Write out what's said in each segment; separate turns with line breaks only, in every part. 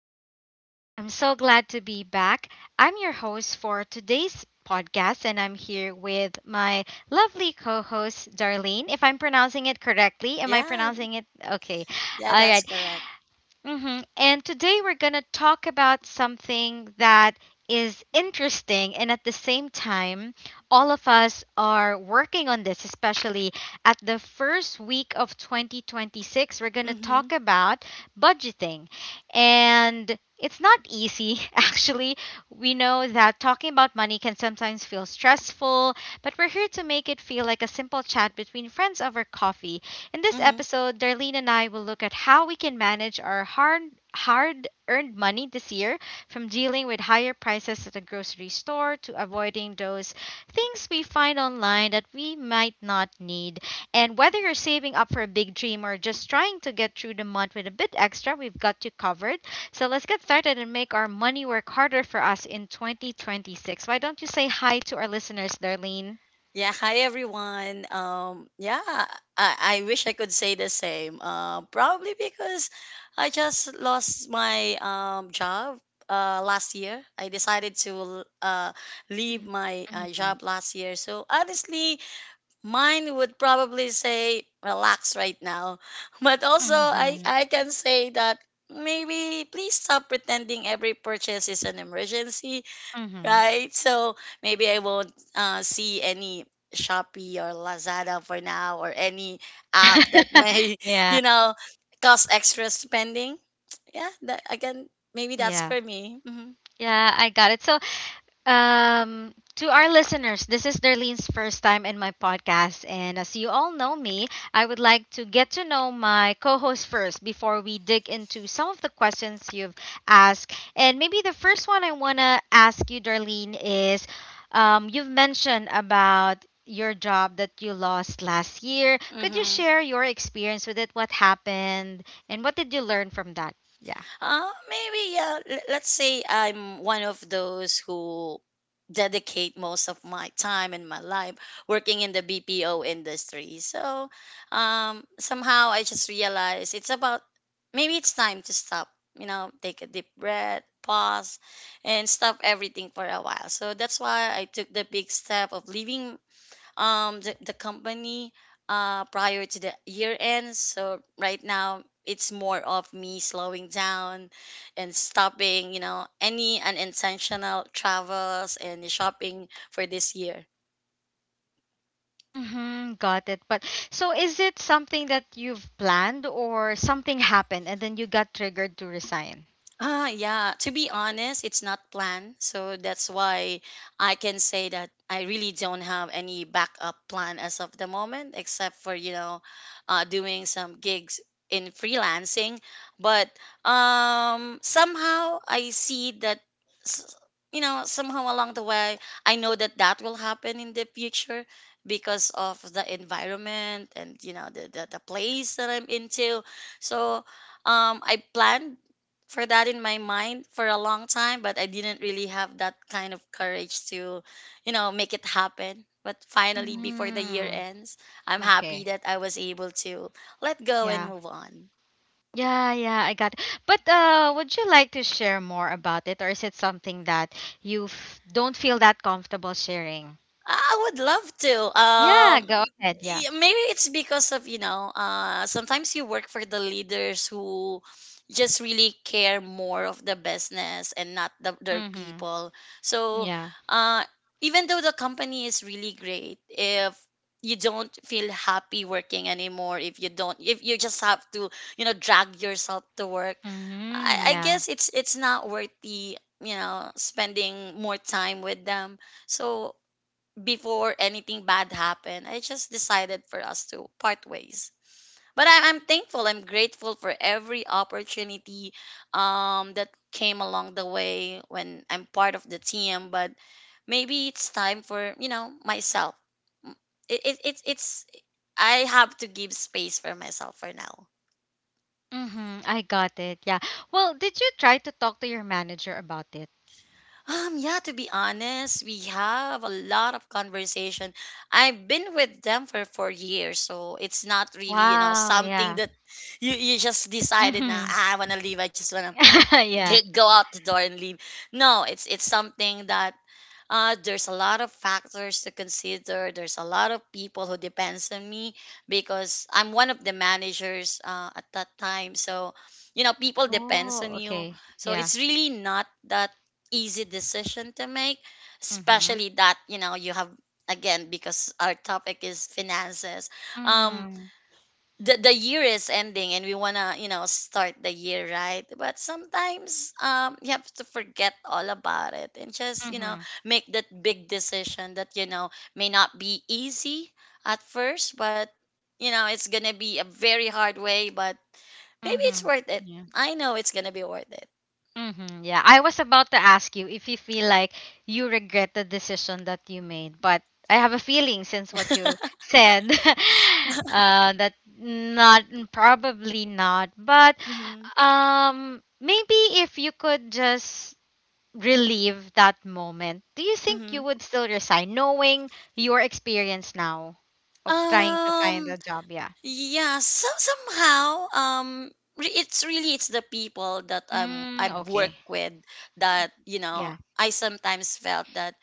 everyone. I'm so glad to be back. I'm your host for today's podcast, and I'm here with my lovely co host, Darlene. If I'm pronouncing it correctly, am I
Yeah,
pronouncing it? Okay. All
yeah, that's
right.
correct.
And today we're going to talk about something that is interesting. And at the same time, all of us are working on this, especially at the first week of 2026. We're going to
Mm-hmm.
talk about budgeting. And it's not easy, actually. We know that talking about money can sometimes feel stressful, but we're here to make it feel like a simple chat between friends over coffee. In this
Mm-hmm.
episode, Darlene and I will look at how we can manage our hard earned money this year, from dealing with higher prices at the grocery store to avoiding those things we find online that we might not need. And whether you're saving up for a big dream or just trying to get through the month with a bit extra, we've got you covered. So let's get started and make our money work harder for us in 2026. Why don't you say hi to our listeners, Darlene?
Yeah, hi everyone. Yeah, I wish I could say the same. Probably because I just lost my job last year. I decided to uh leave my
Mm-hmm.
job last year. So honestly, mine would probably say relax right now. But also, I can say that maybe please stop pretending every purchase is an emergency,
Mm-hmm.
right? So maybe I won't see any Shopee or Lazada for now, or any app that may,
Yeah.
you know, cause extra spending. Yeah, that, again, maybe that's
Yeah.
for me. Mm-hmm.
Yeah, I got it. So, um to our listeners, this is Darlene's first time in my podcast, and as you all know me, I would like to get to know my co-host first before we dig into some of the questions you've asked. And maybe the first one I want to ask you, Darlene, is you've mentioned about your job that you lost last year. Could you
Mm-hmm.
share your experience with it? What happened and what did you learn from that? Yeah.
Maybe yeah. Let's say I'm one of those who dedicate most of my time in my life working in the BPO industry. So somehow I just realized it's about maybe it's time to stop. You know, take a deep breath, pause, and stop everything for a while. So that's why I took the big step of leaving the company prior to the year end. So right now it's more of me slowing down and stopping, you know, any unintentional travels and shopping for this year.
Mm-hmm, got it. But so is it something that you've planned, or something happened and then you got triggered to resign?
Yeah, to be honest, it's not planned. So that's why I can say that I really don't have any backup plan as of the moment, except for, you know, doing some gigs in freelancing. But somehow I see that, s- you know, somehow along the way, I know that that will happen in the future because of the environment and, you know, the place that I'm into. So I planned for that in my mind for a long time, but I didn't really have that kind of courage to, you know, make it happen. But finally, before the year
Mm,
ends, I'm happy
okay.
that I was able to let go and
Yeah.
move on.
Yeah, yeah, I got it. But would you like to share more about it, or is it something that you f don't feel that comfortable sharing?
I would love to.
Yeah, go ahead. Yeah.
Maybe it's because of, you know, sometimes you work for the leaders who just really care more of the business and not their
Mm-hmm.
people. So,
Yeah.
uh, even though the company is really great, if you don't feel happy working anymore, if you don't, if you just have to, you know, drag yourself to work, I,
Mm-hmm.
I
Yeah.
guess it's not worth the, you know, spending more time with them. So before anything bad happened, I just decided for us to part ways. But I'm thankful, I'm grateful for every opportunity that came along the way when I'm part of the team. But maybe it's time for, you know, myself. It's, I have to give space for myself for now.
Mm-hmm. I got it. Yeah. Well, did you try to talk to your manager about it?
Yeah, to be honest, we have a lot of conversation. I've been with them for 4 years, so it's not really, you know,
Wow,
something
yeah.
that you just decided, nah,
Mm-hmm.
"Ah, I wanna leave, I just wanna
Yeah.
get go out the door and leave." No, it's something that there's a lot of factors to consider. There's a lot of people who depends on me because I'm one of the managers at that time. So you know, people depends
Oh,
on you.
okay.
So
Yeah.
it's really not that easy decision to make,
Mm-hmm.
especially that you know you have, again, because our topic is finances. um
Mm-hmm.
the year is ending and we want to, you know, start the year right. But sometimes you have to forget all about it and just, you know,
Mm-hmm.
make that big decision that, you know, may not be easy at first. But you know, it's going to be a very hard way, but maybe it's
Mm-hmm.
worth it.
Yeah.
I know it's going to be worth it.
Mm-hmm. Yeah. I was about to ask you if you feel like you regret the decision that you made, but I have a feeling, since what you said that not, probably not. But
Mhm.
maybe if you could just relive that moment, do you think you
Mhm.
would still resign knowing your experience now of trying to find
um
a job? Yeah.
Yeah, so somehow, it's really it's the people that
Mm,
I've
okay.
worked with that, you
Yeah.
know, I sometimes felt that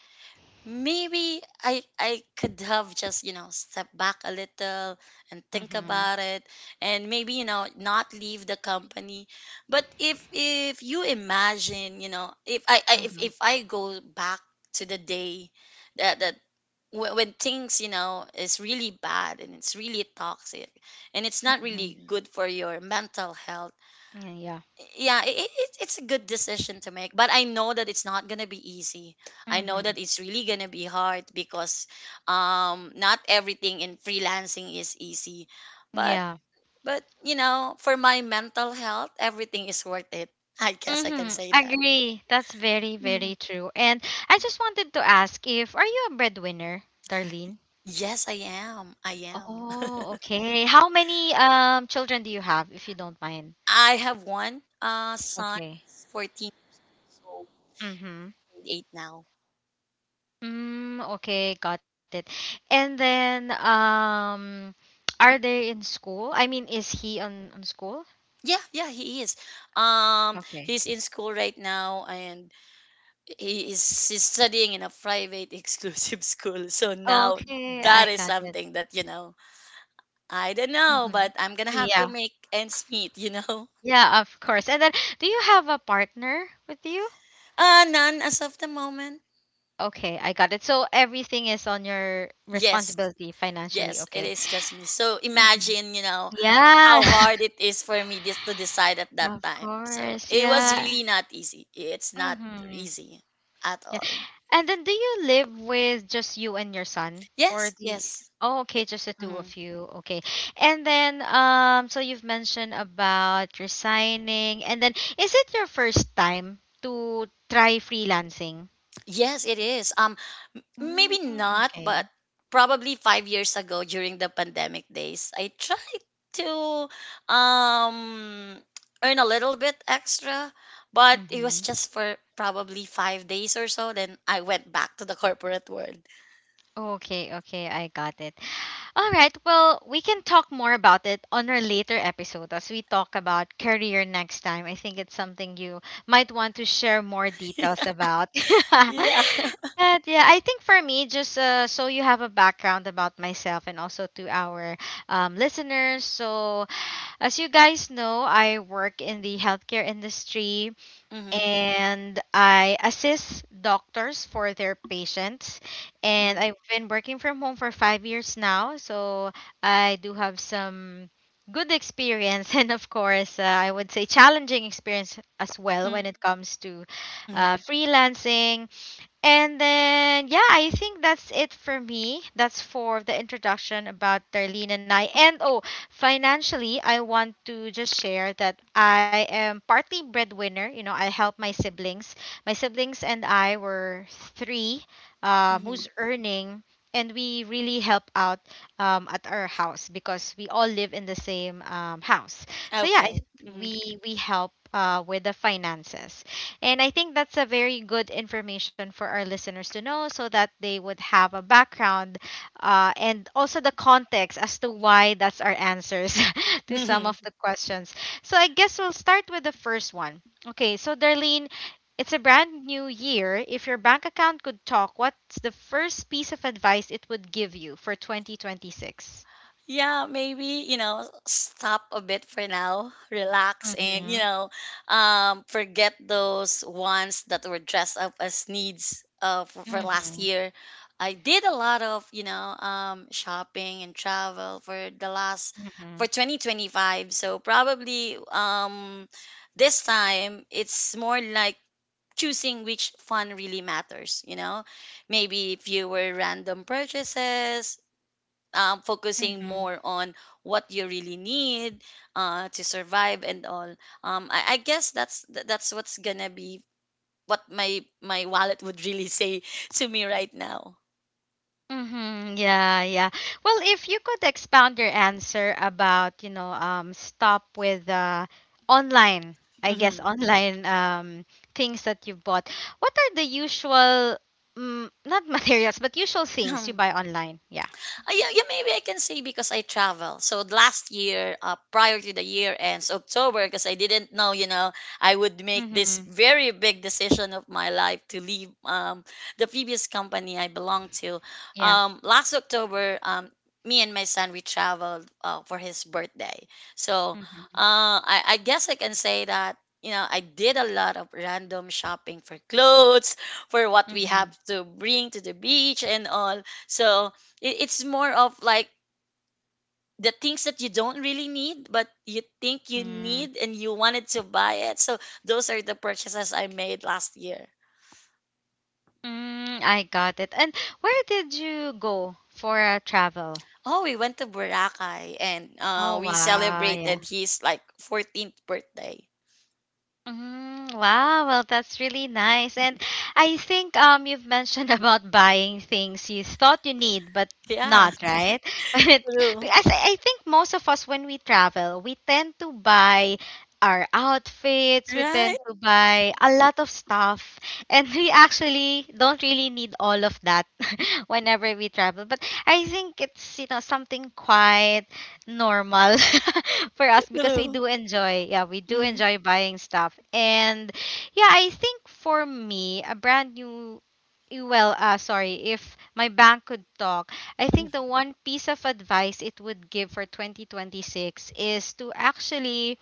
maybe I could have just, you know, step back a little and think
Mm-hmm.
about it, and maybe, you know, not leave the company. But if you imagine, you know,
Mm-hmm.
if I go back to the day that that when things, you know, is really bad and it's really toxic and it's not
Mm-hmm.
really good for your mental health.
Yeah. Yeah.
Yeah, it's a good decision to make, but I know that it's not gonna be easy. I know
Mm-hmm.
that it's really gonna be hard because not everything in freelancing is easy. but
Yeah.
but you know, for my mental health, everything is worth it. I guess I can
Mm-hmm.
say that.
Agree. That's very,
Mhm.
very true. And I just wanted to ask, if are you a breadwinner, Darlene?
Yes, I am.
Oh, okay. How many children do you have, if you don't mind?
I have one son,
Okay.
14. So
Mm-hmm.
grade eight now.
Mm, okay, got it. And then, are they in school? I mean, is he on school?
Yeah, yeah, he is.
Okay.
He's in school right now, and he is he's studying in a private exclusive school. So now
Okay, I
that is
got it.
something that, you know, I don't know,
hmm
but I'm gonna have to
Yeah,
make ends meet. You know,
yeah, of course. And then, do you have a partner with you?
none as of the moment.
Okay, I got it. So everything is on your
Yes,
responsibility financially.
yes, it
Okay.
is just me. So
hmm
imagine, you know,
Yeah,
how hard it is for me just to decide at that
of
time. So
course.
it was
Yeah.
really not easy. It's not
Mm-hmm.
easy at all.
And then do you live with just you and your son? Or
Yes,
the—
yes.
Oh, okay,
It-
just the two
mhm.
of you. Okay. And then so you've mentioned about resigning, and then is it your first time to try freelancing?
Yes, it is.
Mm,
Maybe not, but
okay.
probably 5 years ago during the pandemic days, I tried to um earn a little bit extra, but it was
Mm-hmm.
just for probably 5 days or so. Then I went back to the corporate world.
Okay, okay, I got it. All right, well, we can talk more about it on our later episode as we talk about career next time. I think it's something you might want to share more details about.
Yeah.
But yeah, I think for me, just so you have a background about myself and also to our listeners. So, as you guys know, I work in the healthcare industry
Mm-hmm.
and I assist doctors for their patients. And
Mm-hmm.
I've been working from home for 5 years now, so I do have some good experience, and of course, I would say challenging experience as
Mm-hmm.
well when it comes to freelancing. And then, yeah, I think that's it for me. That's for the introduction about Darlene and I. And oh, financially, I want to just share that I am partly breadwinner. You know, I help my siblings. My siblings and I were three
Mm-hmm.
who's earning, and we really help out at our house because we all live in the same house. So yeah, I,
Okay. Mm-hmm.
we help with the finances. And I think that's a very good information for our listeners to know, so that they would have a background and also the context as to why that's our answers to some of the questions. So I guess we'll start with the first one. Okay, so Darlene, it's a brand new year. If your bank account could talk, what's the first piece of advice it would give you for 2026?
Yeah, maybe, you know, stop a bit for now, relax, and, you
Mm-hmm.
know, forget those ones that were dressed up as needs for last
Mm-hmm.
year. I did a lot of, you know, shopping and travel for the last, for 2025. So probably this time it's more like choosing which fun really matters, you know? Maybe fewer random purchases, focusing
Mm-hmm.
more on what you really need to survive and all. I guess that's what's gonna be what my wallet would really say to me right now.
Mm-hmm. Yeah, yeah. Well, if you could expound your answer about, you know, stop with online, I guess
Mm-hmm.
online things that you bought. What are the usual, mm, not materials, but usual things you buy online? Yeah.
Yeah, maybe I can say because I travel. So last year, prior to the year ends, October, because I didn't know, you know, I would make this
Mm-hmm.
very big decision of my life to leave the previous company I belonged to.
Yeah.
Last October, me and my son, we traveled for his birthday. So
Mm-hmm.
I guess I can say that. You know, I did a lot of random shopping for clothes, for what we have
Mm-hmm.
to bring to the beach and all. So it's more of like the things that you don't really need, but you think you
Mm.
need and you wanted to buy it. So those are the purchases I made last year.
Mm, I got it. And where did you go for travel?
Oh, we went to Boracay and
Oh,
we
wow. Yeah.
celebrated his like 14th birthday.
Mm, wow, well that's really nice. And I think you've mentioned about buying things you thought you need but
Yeah,
not, right? It—
true.
Because I think most of us when we travel, we tend to buy our outfits, we
Right?
tend to buy a lot of stuff, and we actually don't really need all of that whenever we travel. But I think it's, you know, something quiet normal for us because we
True.
do enjoy, yeah, we do
Mm-hmm.
enjoy buying stuff. And yeah, I think for me, a brand new sorry, if my bank could talk, I
Mm-hmm.
think the one piece of advice it would give for 2026 is to actually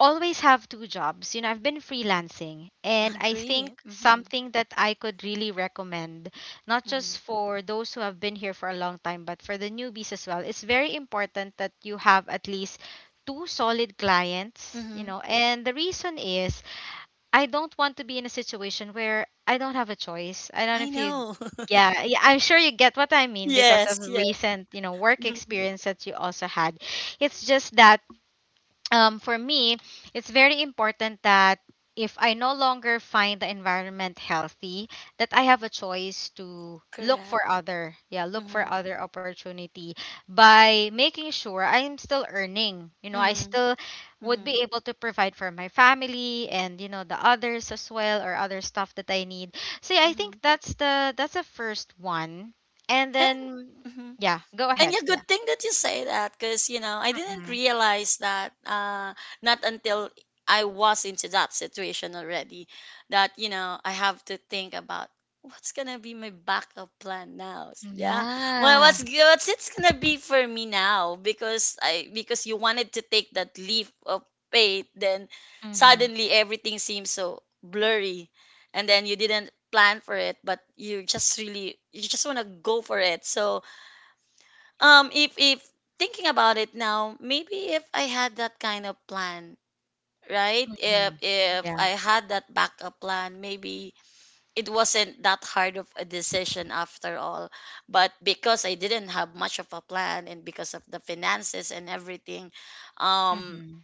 always have 2 jobs. You know, I've been freelancing, and I think
Agree. Mm-hmm.
something that I could really recommend, not
Mm-hmm.
just for those who have been here for a long time, but for the newbies as well, it's very important that you have at least 2 solid clients, you
Mm-hmm.
know. And the reason is, I don't want to be in a situation where I don't have a choice. I don't know
I
if you—
know.
yeah, yeah, I'm sure you get what I mean because
Yes,
of
yes.
recent, you know, work
Hmm.
experience that you also had. It's just that for me, it's very important that if I no longer find the environment healthy, that I have a choice to look
Correct.
for other, yeah, look for
Mm-hmm.
other opportunity by making sure I'm still earning. You know, I
Mm-hmm.
still would
Mm-hmm.
be able to provide for my family and, you know, the others as well, or other stuff that I need. So yeah, I
Mm-hmm.
think that's the first one. And
And
then
mhm.
yeah, go
And
ahead.
yeah,
Yeah.
good thing that you say that because, you know, I didn't
Mhm.
realize that not until I was into that situation already, that, you know, I have to think about what's going to be my backup plan now. Yeah. Well,
Yeah.
what's, g- what's it's going to be for me now because because you wanted to take that leap of faith, then
Mhm.
suddenly everything seems so blurry, and then you didn't plan for it, but you just really, you just want to go for it. So, if thinking about it now, maybe if I had that kind of plan, right?
Mm-hmm.
If
Yeah.
I had that backup plan, maybe it wasn't that hard of a decision after all. But because I didn't have much of a plan and because of the finances and everything, um
Mm-hmm.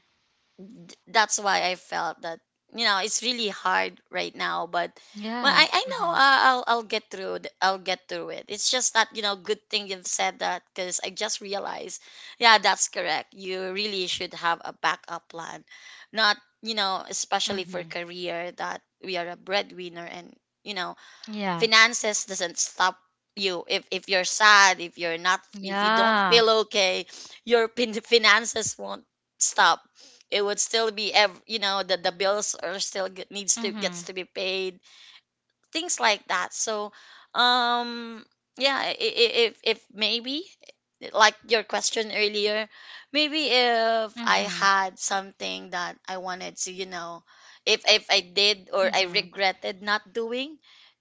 that's why I felt that, you know, it's really hard right now. But well,
Yeah.
I know
Mm-hmm.
I'll get through it. I'll get through it. It's just that, you know, good thing you've said that because I just realized, yeah, that's correct. You really should have a backup plan, not you know, especially for
Mm-hmm.
career that we are a breadwinner, and you know,
Yeah.
finances doesn't stop you if you're sad, if you're not, if you don't
Yeah.
feel okay. Your finances won't stop. It would still be you know, the bills are still needs to gets
Mm-hmm.
to be paid, things like that. So um yeah, if maybe like your question earlier, maybe if I
Mm-hmm.
had something that I wanted to, you know, if I did, or I
Mm-hmm.
regretted not doing,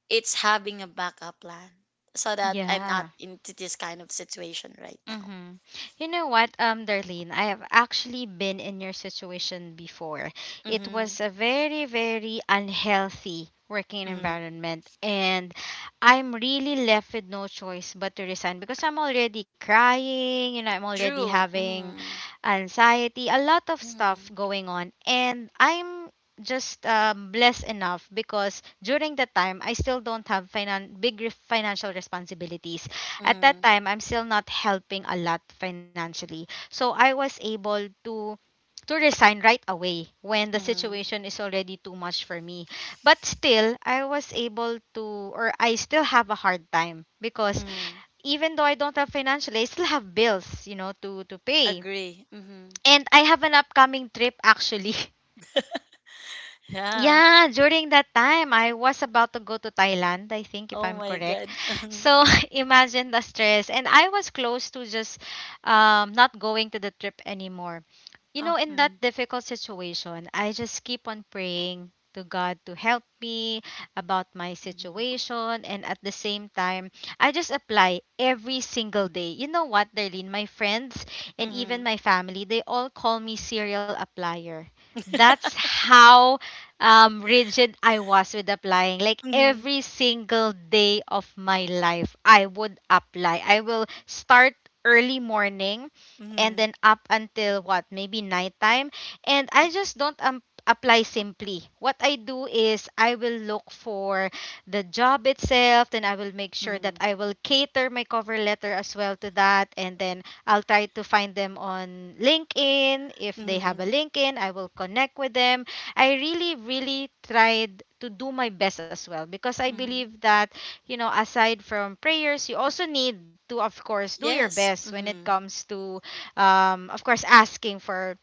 it's having a backup plan so that I'm not
Yeah.
into this kind of situation right now.
Mm-hmm. You know what, Darlene, I have actually been in your situation before. It
Mhm.
was a very, very unhealthy working
Mhm.
environment, and I'm really left with no choice but to resign because I'm already crying, you know, I'm already
True.
having
Mhm.
anxiety, a lot of stuff
Mhm.
going on, and I'm just blessed enough because during that time I still don't have financial responsibilities at
Mhm.
that time. I'm still not helping a lot financially. So I was able to resign right away when the
Mhm.
situation is already too much for me. But still, I was able to, or I still have a hard time because
Mhm.
even though I don't have financially, I still have bills, you know, to pay.
Agree. Mhm.
And I have an upcoming trip actually.
Yeah.
Yeah, during that time, I was about to go to Thailand, I think, if
Oh
I'm
my
correct.
God.
So imagine the stress. And I was close to just not going to the trip anymore. You know, in that difficult situation, I just keep on praying to God to help me about my
Mhm.
situation. And at the same time, I just apply every single day. You know what, Darlene? My friends and even
Mhm.
my family, they all call me serial applier. That's how rigid I was with applying. Like
Mhm.
every single day of my life, I would apply. I will start early morning
Mhm.
and
Mhm.
then up until what, maybe nighttime. And I just don't apply simply. What I do is I will look for the job itself, then I will make sure that
Mhm.
I will cater my cover letter as well to that. And then I'll try to find them on LinkedIn. If they have a
Mhm.
LinkedIn, I will connect with them. I really, really tried to do my best as well because I
Mhm.
believe that, you know, aside from prayers, you also need to, of course, do your
Yes.
best when it
Mhm.
comes to, of course, asking for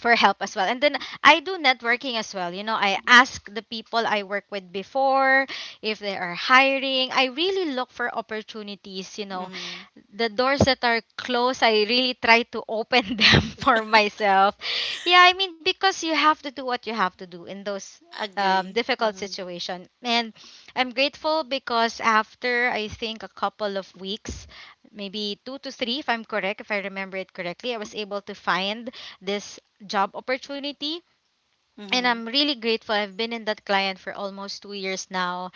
help as well. And then I do networking as well. You know, I ask the people I work with before if they are hiring. I really look for opportunities, you know,
Mhm.
the doors that are closed, I really try to open them for myself. Yeah, I mean because you have to do what you have to do in those
Agree.
difficult
Mhm.
situation, and I'm grateful because after I think a couple of weeks, maybe two to three, if I'm correct, if I remember it correctly, I was able to find this job opportunity. And
Mhm.
I'm really grateful. I've been in that client for almost 2 years now.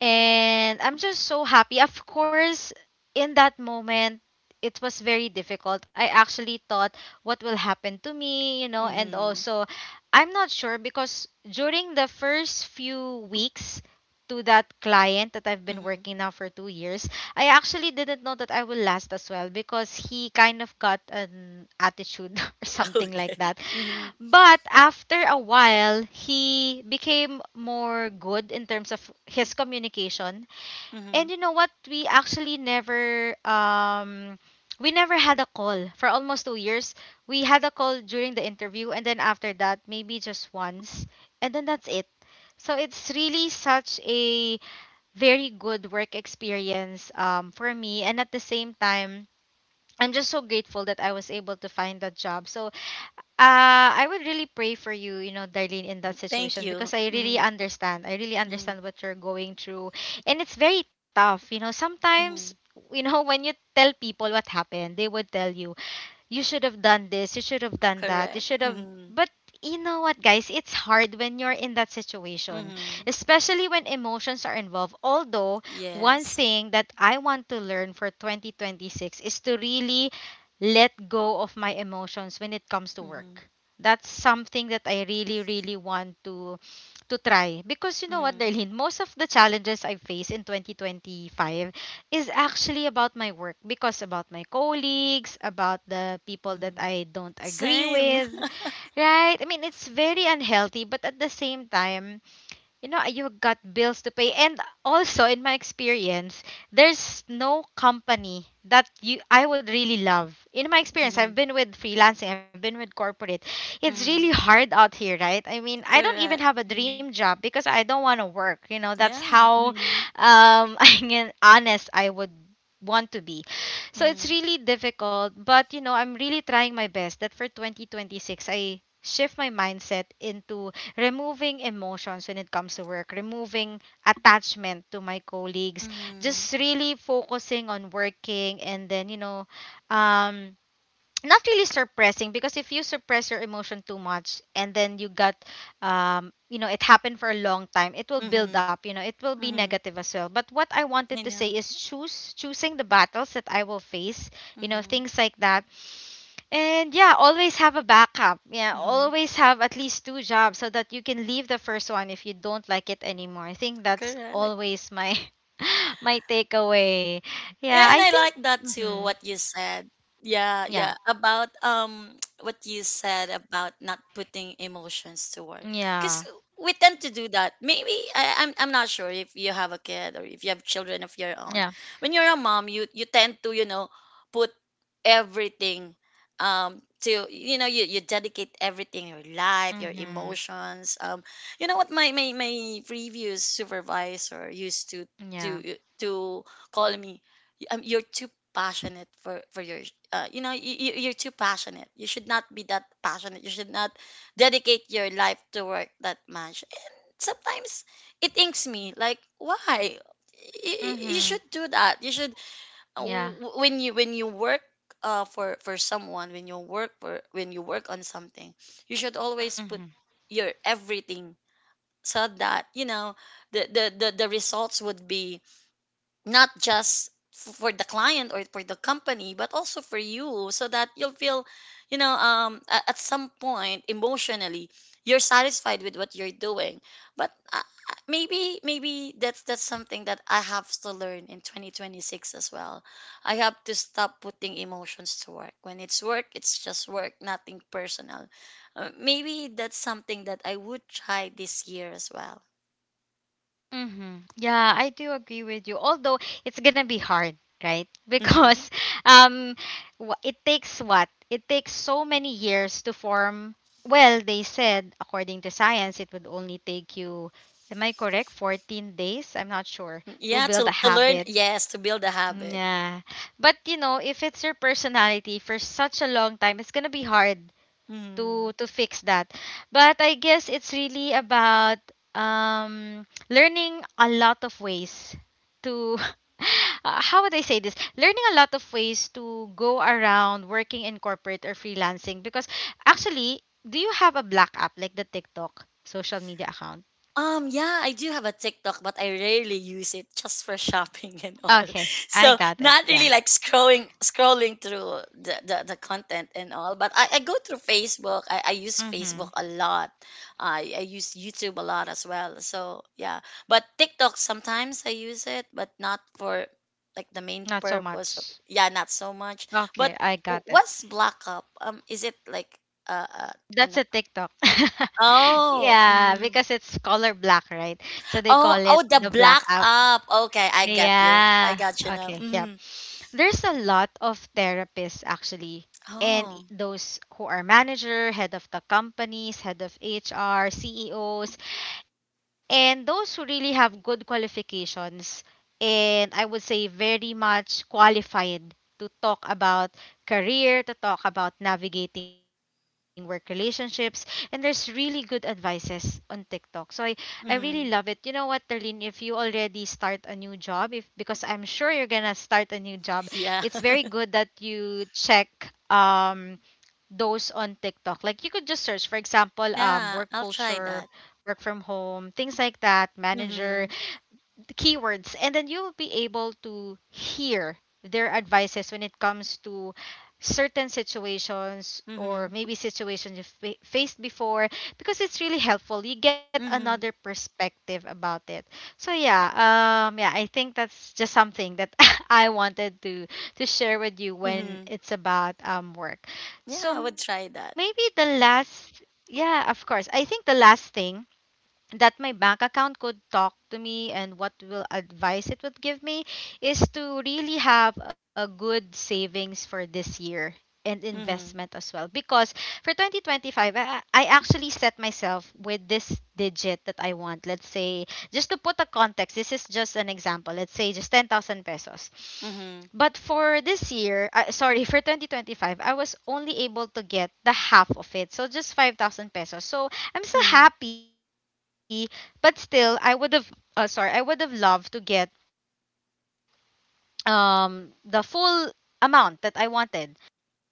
And I'm just so happy. Of course, in that moment, it was very difficult. I actually thought what will happen to me, you know, and
Mhm.
also I'm not sure because during the first few weeks to that client that I've been
Mhm.
working now for 2 years, I actually didn't know that I will last as well because he kind of got an attitude or something
Okay.
like that.
Mhm.
But after a while, he became more good in terms of his communication.
Mhm.
And you know what? We actually never we never had a call for almost 2 years. We had a call during the interview and then after that, maybe just once. And then that's it. So it's really such a very good work experience for me, and at the same time I'm just so grateful that I was able to find that job. So I would really pray for you, you know, Darlene, in that
Mhm.
situation
Thank
because I
you.
really
Mhm.
understand. I really understand what
Mhm.
you're going through. And it's very tough. You know, sometimes, you
Mhm.
know, when you tell people what happened, they would tell you, you should have done this, you should have done that, you should have.
Correct.
But
Mhm.
you know what, guys? It's hard when you're in that situation,
Mhm.
especially when emotions are involved. Although, one thing
Yes.
that I want to learn for 2026 is to really let go of my emotions when it comes to work.
Mhm.
That's something that I really, really want to try because you know what, Darlene, most of
Mhm.
the challenges I face in 2025 is actually about my work, because about my colleagues, about the people that I don't
Mhm.
agree with,
Same.
right? I mean, it's very unhealthy, but at the same time, you know you got bills to pay. And also in my experience, there's no company that you I would really love. In my experience, I've been with
Mhm.
freelancing, I've been with corporate. It's really hard out here,
Mhm.
right? I mean, I don't even have a dream job
Correct.
because I don't
Mhm.
want to work, you know. That's how
Yeah. Mhm.
I mean, honest, I would want to be. So it's really
Mhm.
difficult, but you know, I'm really trying my best that for 2026 I shift my mindset into removing emotions when it comes to work, removing attachment to my colleagues, just really
Mhm.
focusing on working and then, you know, um, not really suppressing because if you suppress your emotion too much and then you got you know, it happened for a long time, it will build up, you know, it will be
Mhm.
negative as well. But what I
Mhm.
wanted to say is choose
I
choosing
know.
the battles that I will face, you know, things like that.
Mhm.
And yeah, always have a backup. Yeah, always have at least two
Mhm.
jobs so that you can leave the first one if you don't like it anymore. I think that's always my
Correct.
my takeaway.
Yeah,
Yeah,
and
I
I
think
like that too
hmm
what you said. Yeah,
yeah.
yeah, about what you said about not putting emotions to work.
Yeah.
Cuz we tend to do that. Maybe I'm not sure if you have a kid or if you have children of your own.
Yeah.
When you're a mom, you tend to, you know, put everything to, you know, you dedicate everything, your life, your
Mhm.
emotions. You know what, my previous supervisor used to
Yeah.
to to call me, you're too passionate for your you know, you're too passionate, you should not be that passionate, you should not dedicate your life to work that much. And sometimes it inks me, like, why you should
Mhm.
do that, you should
Yeah.
when you work for someone, when you work for when you work on something, you should always
Mhm.
put your everything, so that, you know, the results would be not just for the client or for the company, but also for you, so that you'll feel, you know, at some point emotionally you're satisfied with what you're doing. But maybe that's something that I have to learn in 2026 as well. I have to stop putting emotions to work. When it's work, it's just work, nothing personal. Maybe that's something that I would try this year as well.
Mm-hmm. Yeah, I do agree with you. Although it's gonna be hard, right? Because um, it takes what? It takes so many years to form. Well, they said according to science, it would only take you. Am I correct? 14 days? I'm not sure to
Yeah,
build a
to learn,
habit.
yes, to build a habit.
Yeah. But you know, if it's your personality for such a long time, it's gonna be hard to
Hmm.
fix that. But I guess it's really about learning a lot of ways to how would I say this? Learning a lot of ways to go around working in corporate or freelancing because actually, do you have a black app like the TikTok social media account?
Yeah, I do have a TikTok, but I rarely use it just for shopping and all.
Okay, I
So
got it.
not really
Yeah.
like scrolling through the content and all. But I go through Facebook. I use Facebook
Mhm.
a lot. I use YouTube a lot as well. So yeah. But TikTok sometimes I use it, but not for like the main
Not so
purpose of,
much.
yeah, not so much.
Okay,
But
I got it.
what's Black Up? Is it like uh, uh
That's
an
a TikTok.
oh.
Yeah,
Mm-hmm.
because it's color black, right? So they call
Oh,
it
oh, the
the black
black
app.
up. Okay, I got you. I
Yeah.
got you now.
Okay. Yeah.
Mm-hmm.
There's a lot of therapists actually. And
Oh,
those who are manager, head of the companies, head of HR, CEOs, and those who really have good qualifications, and I would say very much qualified to talk about career, to talk about navigating work relationships. And there's really good advices on TikTok, so I really love it. You know
mm-hmm.
what, Darlene, if you already start a new job, if, because I'm sure you're gonna start a new job, it's very
Yeah,
good that you check um those on TikTok. Like you could just search, for example, work
yeah. I'll
culture,
try that.
work from home, things like that, manager,
Mm-hmm.
the keywords, and then you will be able to hear their advices when it comes to certain situations or
Mm-hmm.
maybe situations you faced before, because it's really helpful, you get
Mm-hmm.
another perspective about it. So yeah, yeah, I think that's just something that I wanted to share with you
Mm-hmm.
when it's about work.
Yeah, I would try
So
that.
maybe the last, yeah, of course, I think the last thing that my bank account could talk to me and what will advice it would give me is to really have a good savings for this year and investment
Mm-hmm.
as well. Because for 2025 I actually set myself with this digit that I want. Let's say just to put a context, this is just an example, let's say just 10,000 pesos.
Mm-hmm.
But for this year, sorry, for 2025, I was only able to get the half of it. So just 5,000 pesos. So I'm still
Mm-hmm.
happy, but still I would have sorry, I would have loved to get the full amount that I wanted.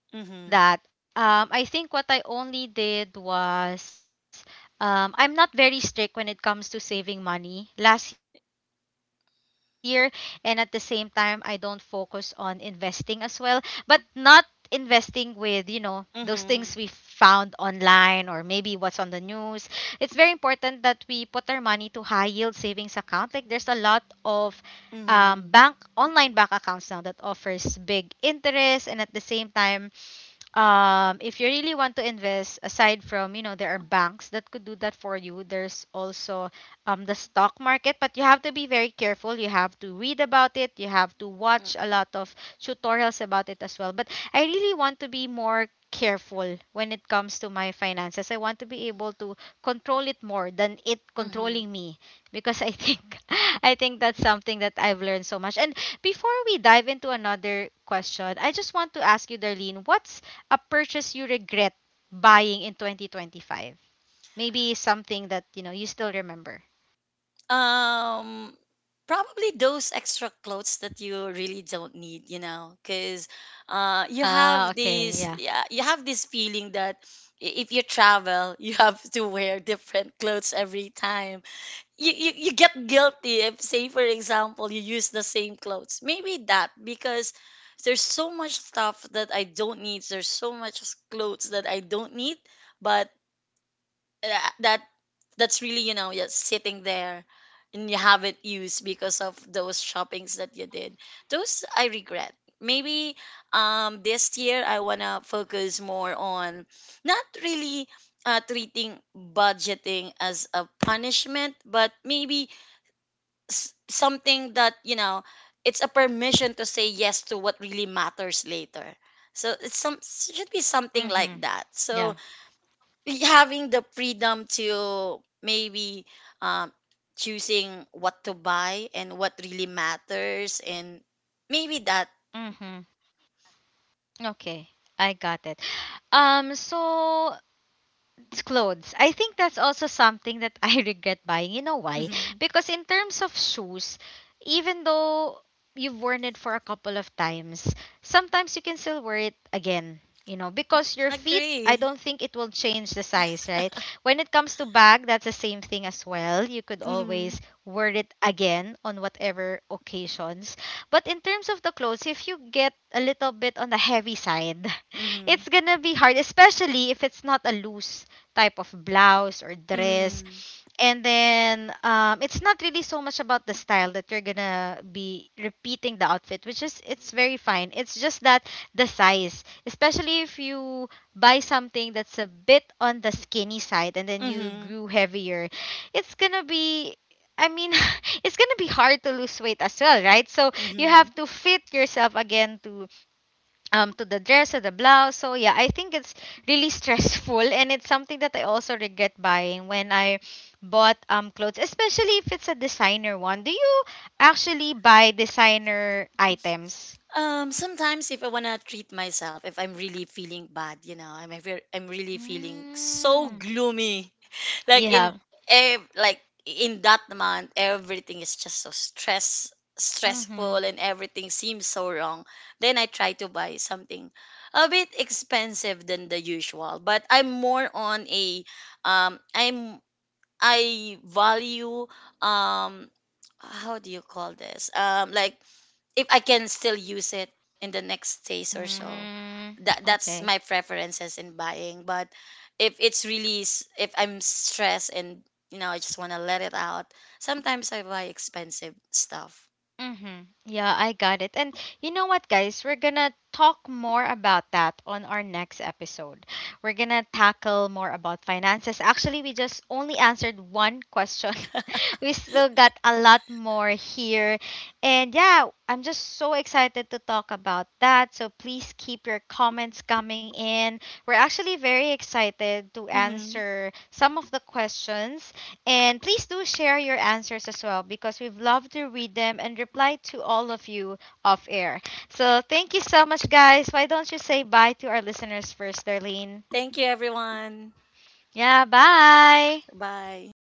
And
Mm-hmm.
because of that, I think what I only did was I'm not very strict when it comes to saving money last year, and at the same time, I don't focus on investing as well, but not investing with, you know, those things we found
Mm-hmm.
online or maybe what's on the news. It's very important that we put our money to high yield savings account. Like there's a lot of bank,
Mm-hmm.
online bank accounts now that offers big interest. And at the same time, if you really want to invest, aside from, you know, there are banks that could do that for you, there's also the stock market. But you have to be very careful, you have to read about it, you have to watch a lot of tutorials about it as well. But I really want to be more careful when it comes to my finances. I want to be able to control it more than it
Mm-hmm.
controlling me, because I think I think that's something that I've learned so much. And before we dive into another question, I just want to ask you, Darlene, what's a purchase you regret buying in 2025? Maybe something that, you know, you still remember.
Um, Probably those extra clothes that you really don't need, you know, because you have
Ah,
this,
okay. Yeah.
yeah, you have this feeling that if you travel, you have to wear different clothes every time. You get guilty if, say, for example, you use the same clothes. Maybe that, because there's so much stuff that I don't need. There's so much clothes that I don't need, but uh, that that's really, you know, just sitting there and you haven't used, because of those shoppings that you did. Those I regret. Maybe this year I want to focus more on, not really, treating budgeting as a punishment, but maybe something that, you know, it's a permission to say yes to what really matters later. So it's some should be something
Mm-hmm.
like that.
Yeah.
So having the freedom to maybe, um, choosing what to buy and what really matters, and maybe that.
Mm-hmm. Okay. I got it. So it's clothes. I think that's also something that I regret buying. You know why?
Hmm.
Because in terms of shoes, even though you've worn it for a couple of times, sometimes you can still wear it again. You know, because your feet, I
Agree.
don't think it will change the size, right? When it comes to bag, that's the same thing as well. You could
Mm-hmm.
always wear it again on whatever occasions. But in terms of the clothes, if you get a little bit on the heavy side,
Mm-hmm.
it's gonna be hard, especially if it's not a loose type of blouse or dress.
Mm-hmm.
And then it's not really so much about the style that you're gonna be repeating the outfit, which is it's very fine. It's just that the size, especially if you buy something that's a bit on the skinny side and then you
Mm-hmm.
grew heavier, it's gonna be, I mean, it's gonna be hard to lose weight as well, right? So you
Mm-hmm.
have to fit yourself again to the dress or the blouse. So yeah, I think it's really stressful, and it's something that I also regret buying when I bought clothes, especially if it's a designer one. Do you actually buy designer items?
Sometimes if I wanna treat myself, if I'm really feeling bad, you know, I'm really feeling so
mm,
gloomy.
you
Like in
have
like in that month, everything is just so
mm-hmm.
stressful and everything seems so wrong. Then I try to buy something a bit expensive than the usual, but I'm more on a um I'm I value um how do you call this? Like if I can still use it in the next days or so.
mm
That that's
okay.
my preferences in buying. But if it's really if I'm stressed and you know I just want to let it out, sometimes I buy expensive stuff.
Mm-hmm. Yeah, I got it. And you know what, guys? We're gonna talk more about that on our next episode. We're gonna tackle more about finances. Actually, we just only answered one question. We still got a lot more here. And yeah, I'm just so excited to talk about that. So please keep your comments coming in. We're actually very excited to
Hmm.
answer some of the questions, and please do share your answers as well because we'd love to read them and reply to all of you off air. So thank you so much, guys. Why don't you say bye to our listeners first, Darlene?
Thank you, everyone.
Yeah, bye.
Bye.